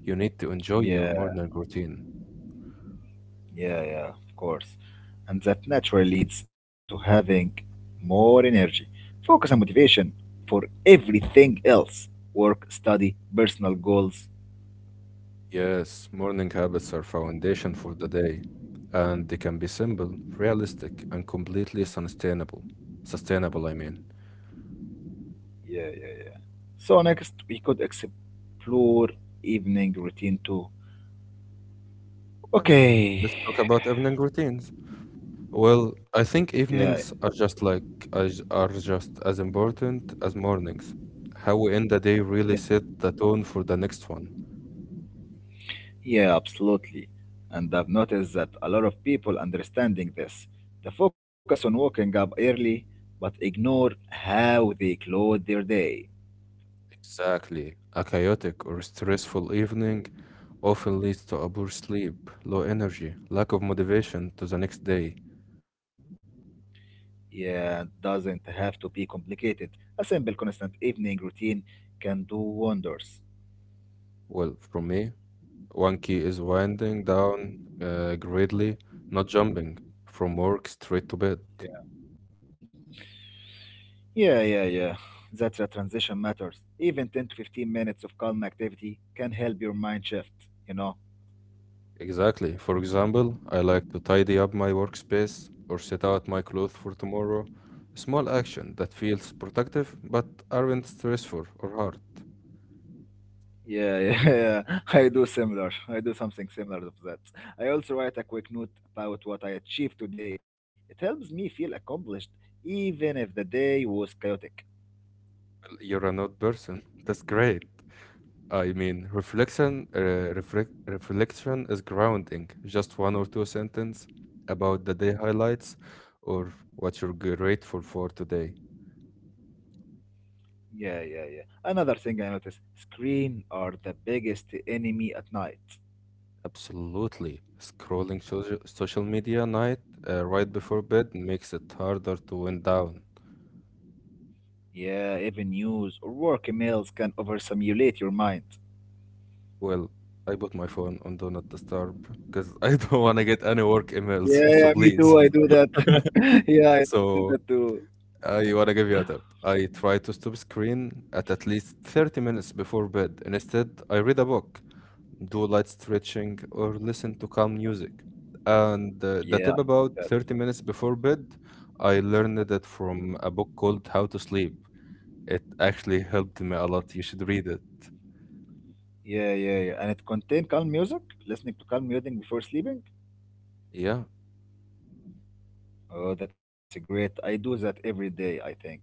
S1: You need to enjoy your
S2: Yeah,
S1: morning routine.
S2: yeah, yeah, of course. And that naturally leads to having more energy, focus, and motivation for everything else work, study, personal goals.
S1: Yes, morning habits are foundation for the day, and they can be simple, realistic, and completely sustainable. Sustainable, I mean.
S2: Yeah, yeah, yeah. So, next, we could explore evening routine too.
S1: Okay.
S2: Okay.
S1: Let's talk about evening routines. Well, I think
S2: Yeah,
S1: evenings are just like as- are just as important as mornings. How we end the day really
S2: yeah.
S1: set the tone for the next one.
S2: Yeah, absolutely. And I've noticed that a lot of people understanding this, they focus on waking up early, but ignore how they close their day.
S1: Exactly. A chaotic or stressful evening often leads to a poor sleep, low energy, lack of motivation to the next day.
S2: Yeah, it doesn't have to be complicated. A simple, constant evening routine can do wonders.
S1: Well, from me, one key is winding down uh, greatly, not jumping from work straight to bed.
S2: Yeah, yeah, yeah. yeah. That's a transition matters. Even ten to fifteen minutes of calm activity can help your mind shift, you know.
S1: Exactly. For example, I like to tidy up my workspace or set out my clothes for tomorrow. A small action that feels productive but aren't stressful or hard.
S2: Yeah, yeah, [laughs] I do similar. I do something similar of that. I also write a quick note about what I achieved today. It helps me feel accomplished, even if the day was chaotic.
S1: You're a note person. [laughs] That's great. I mean, reflection, uh, reflec- reflection is grounding. Just one or two sentences about the day highlights or what you're grateful for today.
S2: Yeah, yeah, yeah. Another thing I noticed, screen are the biggest enemy at night.
S1: Absolutely. Scrolling social social media night uh, right before bed makes it harder to wind down.
S2: Yeah, even news or work emails can overstimulate your mind.
S1: Well, I put my phone on Do Not Disturb because [laughs] I don't want to get any work emails,
S2: Yeah,
S1: [laughs] so
S2: yeah, me too.
S1: please.
S2: I do that.
S1: [laughs]
S2: [laughs] Yeah, I do that
S1: So
S2: too.
S1: I want to give you a tip. I try to stop screen at at least thirty minutes before bed. Instead, I read a book, do light stretching, or listen to calm music. And uh, the
S2: Yeah, I
S1: tip
S2: do
S1: about
S2: that.
S1: thirty minutes before bed, I learned that from a book called How to Sleep. It actually helped me a lot. You should read it.
S2: Yeah, yeah, yeah. And it contain calm music. Listening to calm music before sleeping.
S1: Yeah.
S2: Oh, that's a great. I do that every day, I think.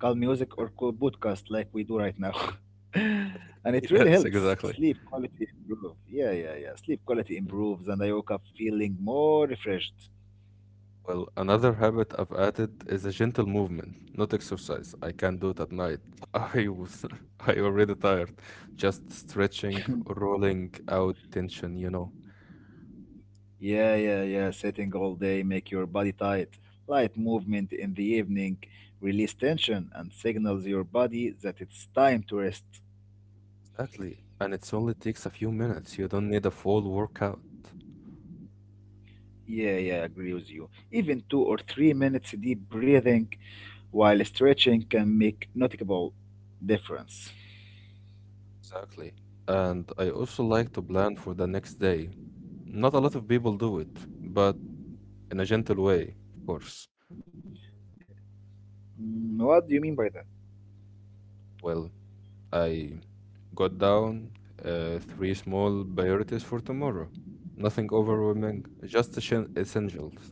S2: Calm music or cool podcast like we do right now. [laughs] And it really
S1: Yes,
S2: helps
S1: exactly.
S2: sleep quality improve. Yeah, yeah, yeah. Sleep quality
S1: Mhm.
S2: improves and I woke up feeling more refreshed.
S1: Well, another habit I've added is a gentle movement, not exercise. I can't do it at night. [laughs] I was [laughs] I already tired. Just stretching, rolling out tension, you know.
S2: Yeah, yeah, yeah. Sitting all day make your body tight. Light movement in the evening release tension and signals your body that it's time to rest.
S1: Exactly. And it's only takes a few minutes. You don't need a full workout.
S2: Yeah, yeah, I agree with you. Even two or three minutes deep breathing while stretching can make noticeable difference.
S1: Exactly. And I also like to plan for the next day. Not a lot of people do it, but in a gentle way, of course.
S2: Mm, what do you mean by that?
S1: Well, I got down uh, three small priorities for tomorrow. Nothing overwhelming, just essen- essentials.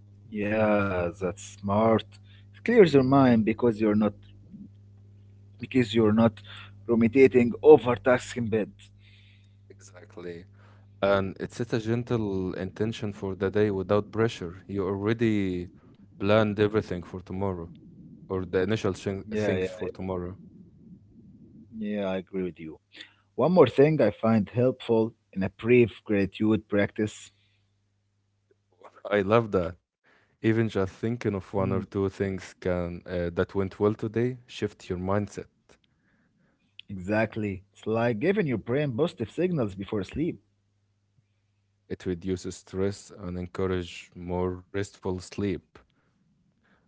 S2: Yeah, that's smart. It clears your mind
S1: Mhm.
S2: because you're not because you're not ruminating over tasks in bed.
S1: Exactly. And it sets a gentle intention for the day without pressure. You already planned everything for tomorrow. Or the initial thing,
S2: Yeah, yeah,
S1: things for tomorrow.
S2: yeah. I agree with you. One more thing I find helpful in a brief gratitude practice.
S1: I love that. Even just thinking
S2: Mm,
S1: of one or two things can uh, that went well today shift your mindset.
S2: exactly. It's like giving your brain positive signals before sleep.
S1: It reduces stress and encourage more restful sleep.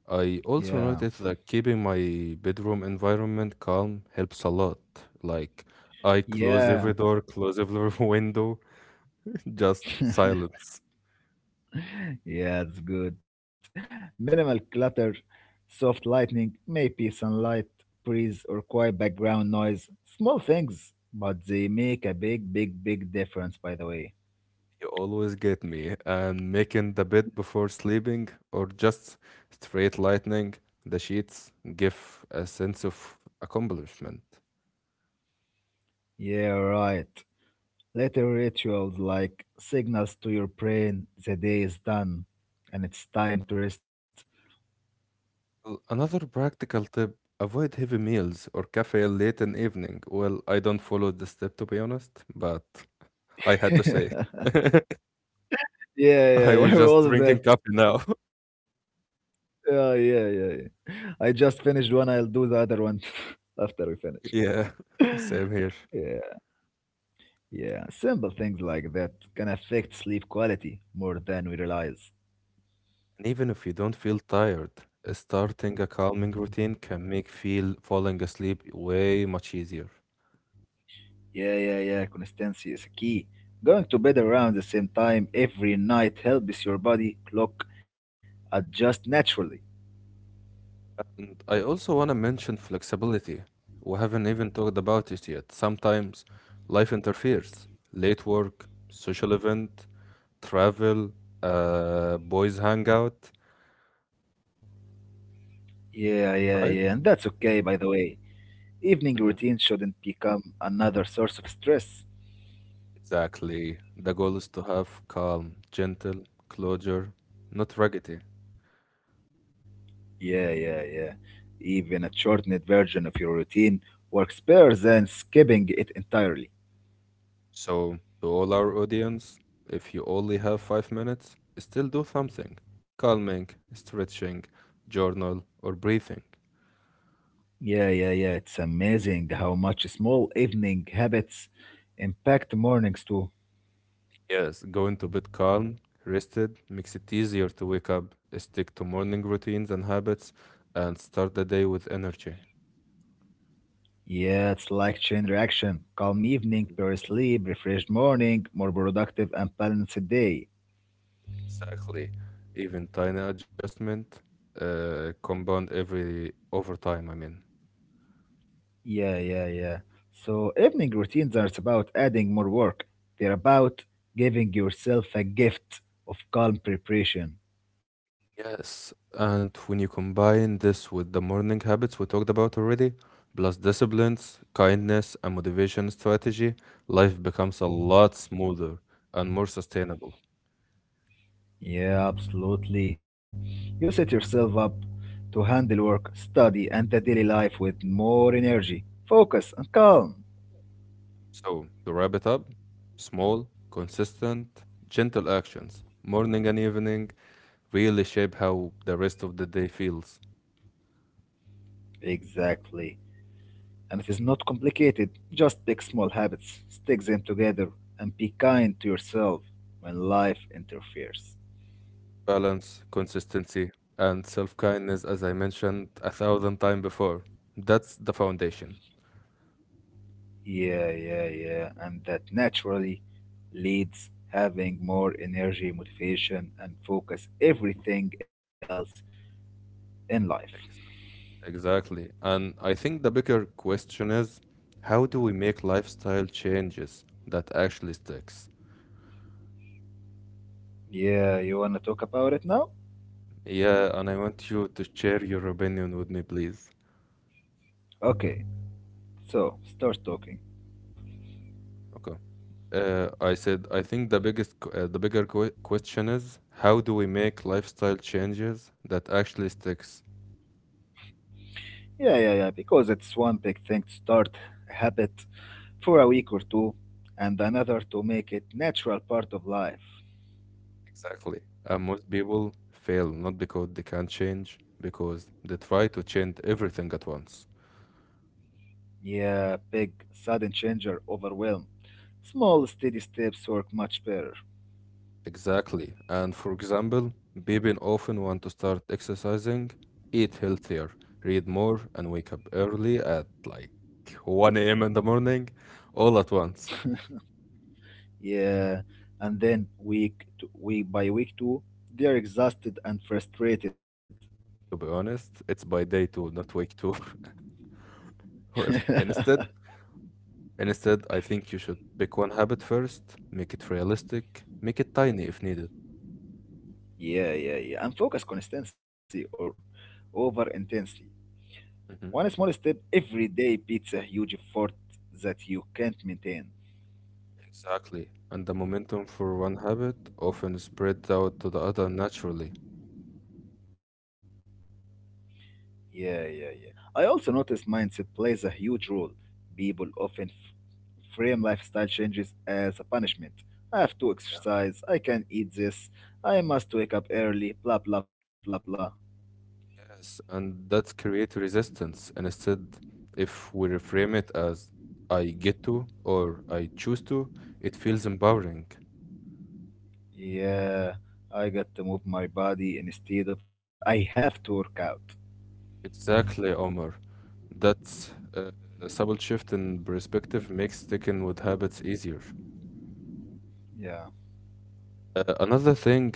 S1: I
S2: Yeah.
S1: also noticed that keeping my bedroom environment calm helps a lot. Like I close every
S2: Yeah.
S1: door, close every [laughs] window, just silence.
S2: [laughs] Yeah, it's good. Minimal clutter, soft lighting, maybe sunlight, breeze, or quiet background noise. Small things, but they make a big, big, big difference, by the way.
S1: You always get me. And making the bed before sleeping, or just straight lightning the sheets, give a sense of accomplishment.
S2: Yeah, right. Little rituals like signals to your brain the day is done and it's time to rest.
S1: Well, another practical tip avoid heavy meals or caffeine late in evening. Well, I don't follow this step to be honest, but [laughs] I
S2: [laughs]
S1: had to say.
S2: Yeah,
S1: [laughs] I
S2: yeah, yeah. [laughs]
S1: was just
S2: All of that.
S1: drinking coffee now.
S2: Yeah, yeah, yeah, yeah. I just finished one. I'll do the other one [laughs] after we finish.
S1: [laughs] Yeah,
S2: [laughs]
S1: same here.
S2: Yeah, yeah. Simple things like that can affect sleep quality more than we realize.
S1: And even if you don't feel tired, starting a calming routine can make feel falling asleep way much easier.
S2: Yeah, yeah, yeah. Consistency is key. Going to bed around the same time every night helps your body clock adjust naturally.
S1: And I also want to mention flexibility. We haven't even talked about it yet. Sometimes life interferes. Late work, social event, travel, uh, boys hangout,
S2: Yeah, yeah, yeah. And
S1: right?
S2: that's okay, by the way. Evening routine
S1: Hmm.
S2: shouldn't become another source of stress.
S1: Exactly. The goal is to have calm, gentle closure, not raggedy.
S2: Yeah, yeah, yeah. Even a shortened version of your routine works better than skipping it entirely.
S1: So, to all our audience, if you only have five minutes, still do something. Calming, stretching, journal, or breathing.
S2: Yeah, yeah, yeah. It's amazing how much small evening habits impact mornings too.
S1: Yes, go into bed calm, rested, makes it easier to wake up, stick to morning routines and habits, and start the day with energy.
S2: Yeah, it's like chain reaction. Calm evening,
S1: Mhm.
S2: better sleep, refreshed morning, more productive and balanced day.
S1: Exactly. Even tiny adjustment uh, compound every over time, I mean.
S2: Yeah, yeah, yeah. So evening routines aren't about adding more work. They're about giving yourself a gift of calm preparation.
S1: Yes, and when you combine this with the morning habits we talked about already, plus disciplines, kindness, and motivation strategy, life becomes a lot smoother and more sustainable.
S2: Yeah, absolutely. You set yourself up to handle work, study, and the daily life with more energy, focus, and calm.
S1: So, to wrap it up, small, consistent, gentle actions, morning and evening, really shape how the rest of the day feels.
S2: Exactly. And it is not complicated. Just pick small habits, stick them together, and be kind to yourself when life interferes.
S1: Balance, consistency, and self kindness, as I mentioned a thousand times before. That's the foundation.
S2: Yeah, yeah, yeah. And that naturally leads having more energy, motivation, and focus everything else in life.
S1: Ex- Exactly. And I think the bigger question is how do we make lifestyle changes that actually sticks?
S2: Yeah, you wanna talk about it now?
S1: Yeah, and I want you to share your opinion with me, please.
S2: Okay, so start talking.
S1: Okay. Uh, I said, I think the biggest, q- uh, the bigger que question is how do we make lifestyle changes that actually sticks?
S2: Yeah, yeah, yeah, because it's one big thing to start a habit for a week or two, and another to make it natural part of life.
S1: Exactly. And most people fail not because they can't change, because they try to change everything at once.
S2: Yeah, big sudden change or overwhelm. Small steady steps work much better.
S1: Exactly. And for example, people often want to start exercising, eat healthier, read more, and wake up early at like one a m in the morning, all at once.
S2: Yeah, and then week to, week by week two, they are exhausted and frustrated.
S1: To be honest, it's by day two, not week two. [laughs]
S2: [laughs] Yeah,
S1: Well, instead, Instead, I think you should pick one habit first, make it realistic, make it tiny if needed.
S2: yeah, yeah. And focus consistency or over intensity. One
S1: Hmm.
S2: small step every day beats a huge effort that you can't maintain.
S1: Exactly. And the momentum for one habit often spreads out to the other naturally.
S2: Yeah, yeah, yeah. I also noticed mindset plays a huge role. People often f- frame lifestyle changes as a punishment. I have to
S1: Yeah.
S2: exercise, I can eat this, I must wake up early, blah blah blah blah.
S1: Yes, and that's create resistance. And instead, if we reframe it as I get to or I choose to, it feels empowering.
S2: Yeah, I got to move my body instead of I have to work out.
S1: Exactly, Omar. That's uh, a subtle shift in perspective makes sticking with habits easier.
S2: Yeah.
S1: Uh, another thing,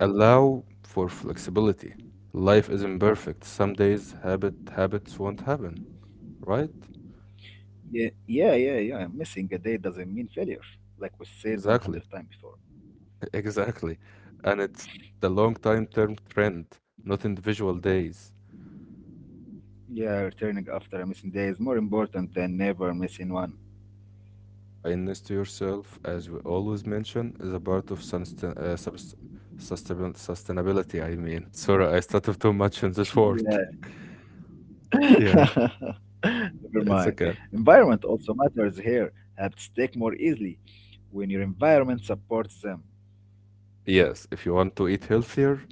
S1: allow for flexibility. Life isn't perfect. Some days habit habits won't happen, right?
S2: Yeah, yeah, yeah, yeah. Missing a day doesn't mean failure, like we said
S1: Exactly.
S2: a hundred times before.
S1: [laughs] Exactly. And it's the long time term trend, not individual days.
S2: Yeah, returning after a missing day is more important than never missing one.
S1: Kindness to yourself, as we always mention, is a part of sustain uh, subs- sustainab- sustainability, I mean. [laughs] Sorry, I started too much in this
S2: Yeah.
S1: word. [laughs]
S2: [laughs] Never
S1: Yeah,
S2: mind.
S1: it's okay.
S2: Environment also matters here. Habits stick more easily when your environment supports them.
S1: Yes, if you want to eat healthier,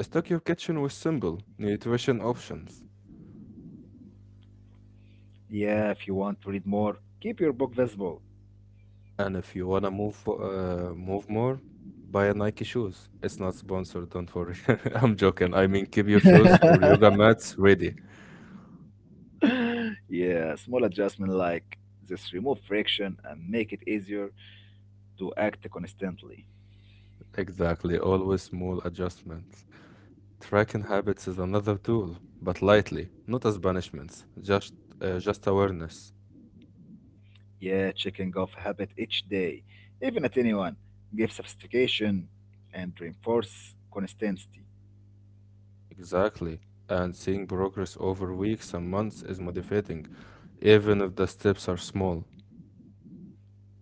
S1: stock your kitchen with simple nutrition options.
S2: Yeah, if you want to read more, keep your book visible.
S1: And if you wanna move fo- uh, move more, buy a Nike shoes. It's not sponsored, don't worry. [laughs] I'm joking. I mean, keep your
S2: [laughs]
S1: shoes or yoga mats ready.
S2: [laughs] Yeah, small adjustment like this remove friction and make it easier to act constantly.
S1: Exactly. Always small adjustments. Tracking habits is another tool, but lightly, not as punishments, just uh, just awareness.
S2: Yeah, checking off habit each day, even a tiny one, give sophistication and reinforce consistency.
S1: Exactly. And seeing progress over weeks and months is motivating, even if the steps are small.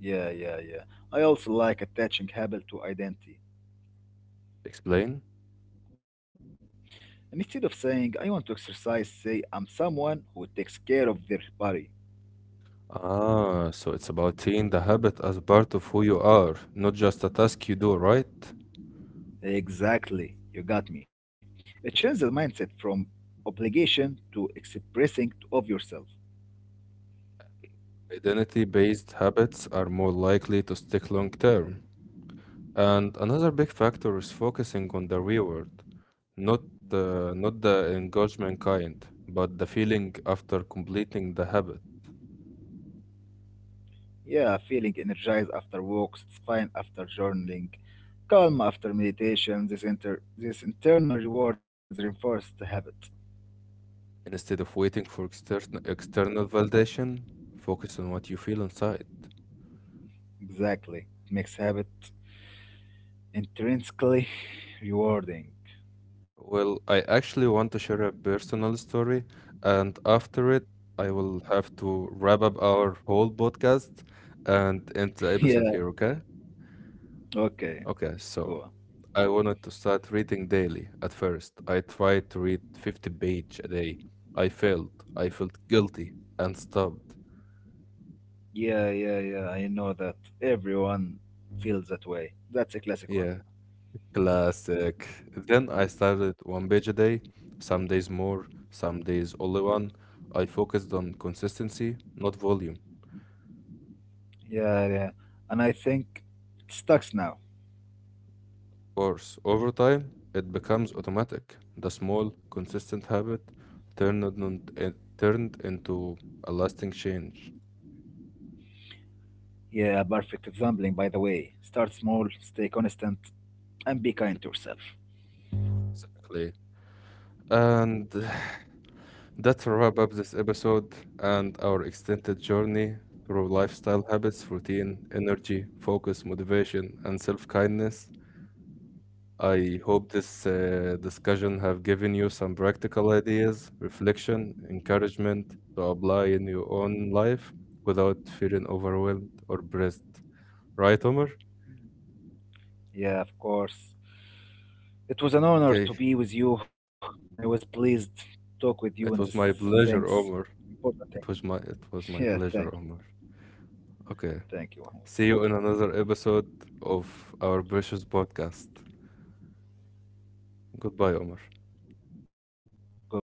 S2: Yeah, yeah, yeah. I also like attaching habit to identity.
S1: Explain?
S2: And instead of saying I want to exercise, say I'm someone who takes care of their body.
S1: Ah, so it's about seeing the habit as part of who you are, not just a task you do, right?
S2: Exactly, you got me. It changes the mindset from obligation to expressing of yourself.
S1: Identity-based habits are more likely to stick long term. And another big factor is focusing on the reward, not uh, not the engagement kind, but the feeling after completing the habit.
S2: Yeah, feeling energized after walks, it's fine after journaling, calm after meditation. This inter this internal rewards reinforce the habit.
S1: Instead of waiting for extern external validation, focus on what you feel inside.
S2: Exactly. It makes habit intrinsically [laughs] rewarding. [laughs]
S1: Well, I actually want to share a personal story, and after it, I will have to wrap up our whole podcast and end the episode
S2: Yeah,
S1: here, okay?
S2: okay,
S1: Okay,
S2: go
S1: so
S2: on.
S1: I wanted to start reading daily at first. I tried to read fifty page a day. I failed. I felt guilty and stopped.
S2: Yeah, yeah, yeah. I know that everyone feels that way. That's a classic one.
S1: Yeah, classic. Then I started one page a day, some days more, some days only one. I focused on consistency, not volume.
S2: Yeah, yeah. And I think it sucks now.
S1: Course, over time, it becomes automatic. The small, consistent habit turned, on- eh, turned into a lasting change.
S2: Yeah, perfect example, by the way. Start small, stay constant, and be kind to yourself.
S1: Exactly. And [sighs] that's a wrap up this episode and our extended journey through lifestyle habits, routine, energy, focus, motivation, and self kindness. I hope this uh, discussion have given you some practical ideas, reflection, encouragement to apply in your own life without feeling overwhelmed or pressed. Right, Omar?
S2: Yeah, of course. It was an honor to
S1: Okay.
S2: be with you. I was pleased to talk with you on this.
S1: It was my
S2: Thanks,
S1: pleasure, Omar.
S2: important thing.
S1: It was my it
S2: [laughs]
S1: was
S2: Yeah,
S1: my
S2: thank you.
S1: pleasure, Omar. Okay.
S2: Thank you, Mahmoud.
S1: See you in another episode of our precious podcast. Goodbye, Omar.
S2: Goodbye, Mahmoud.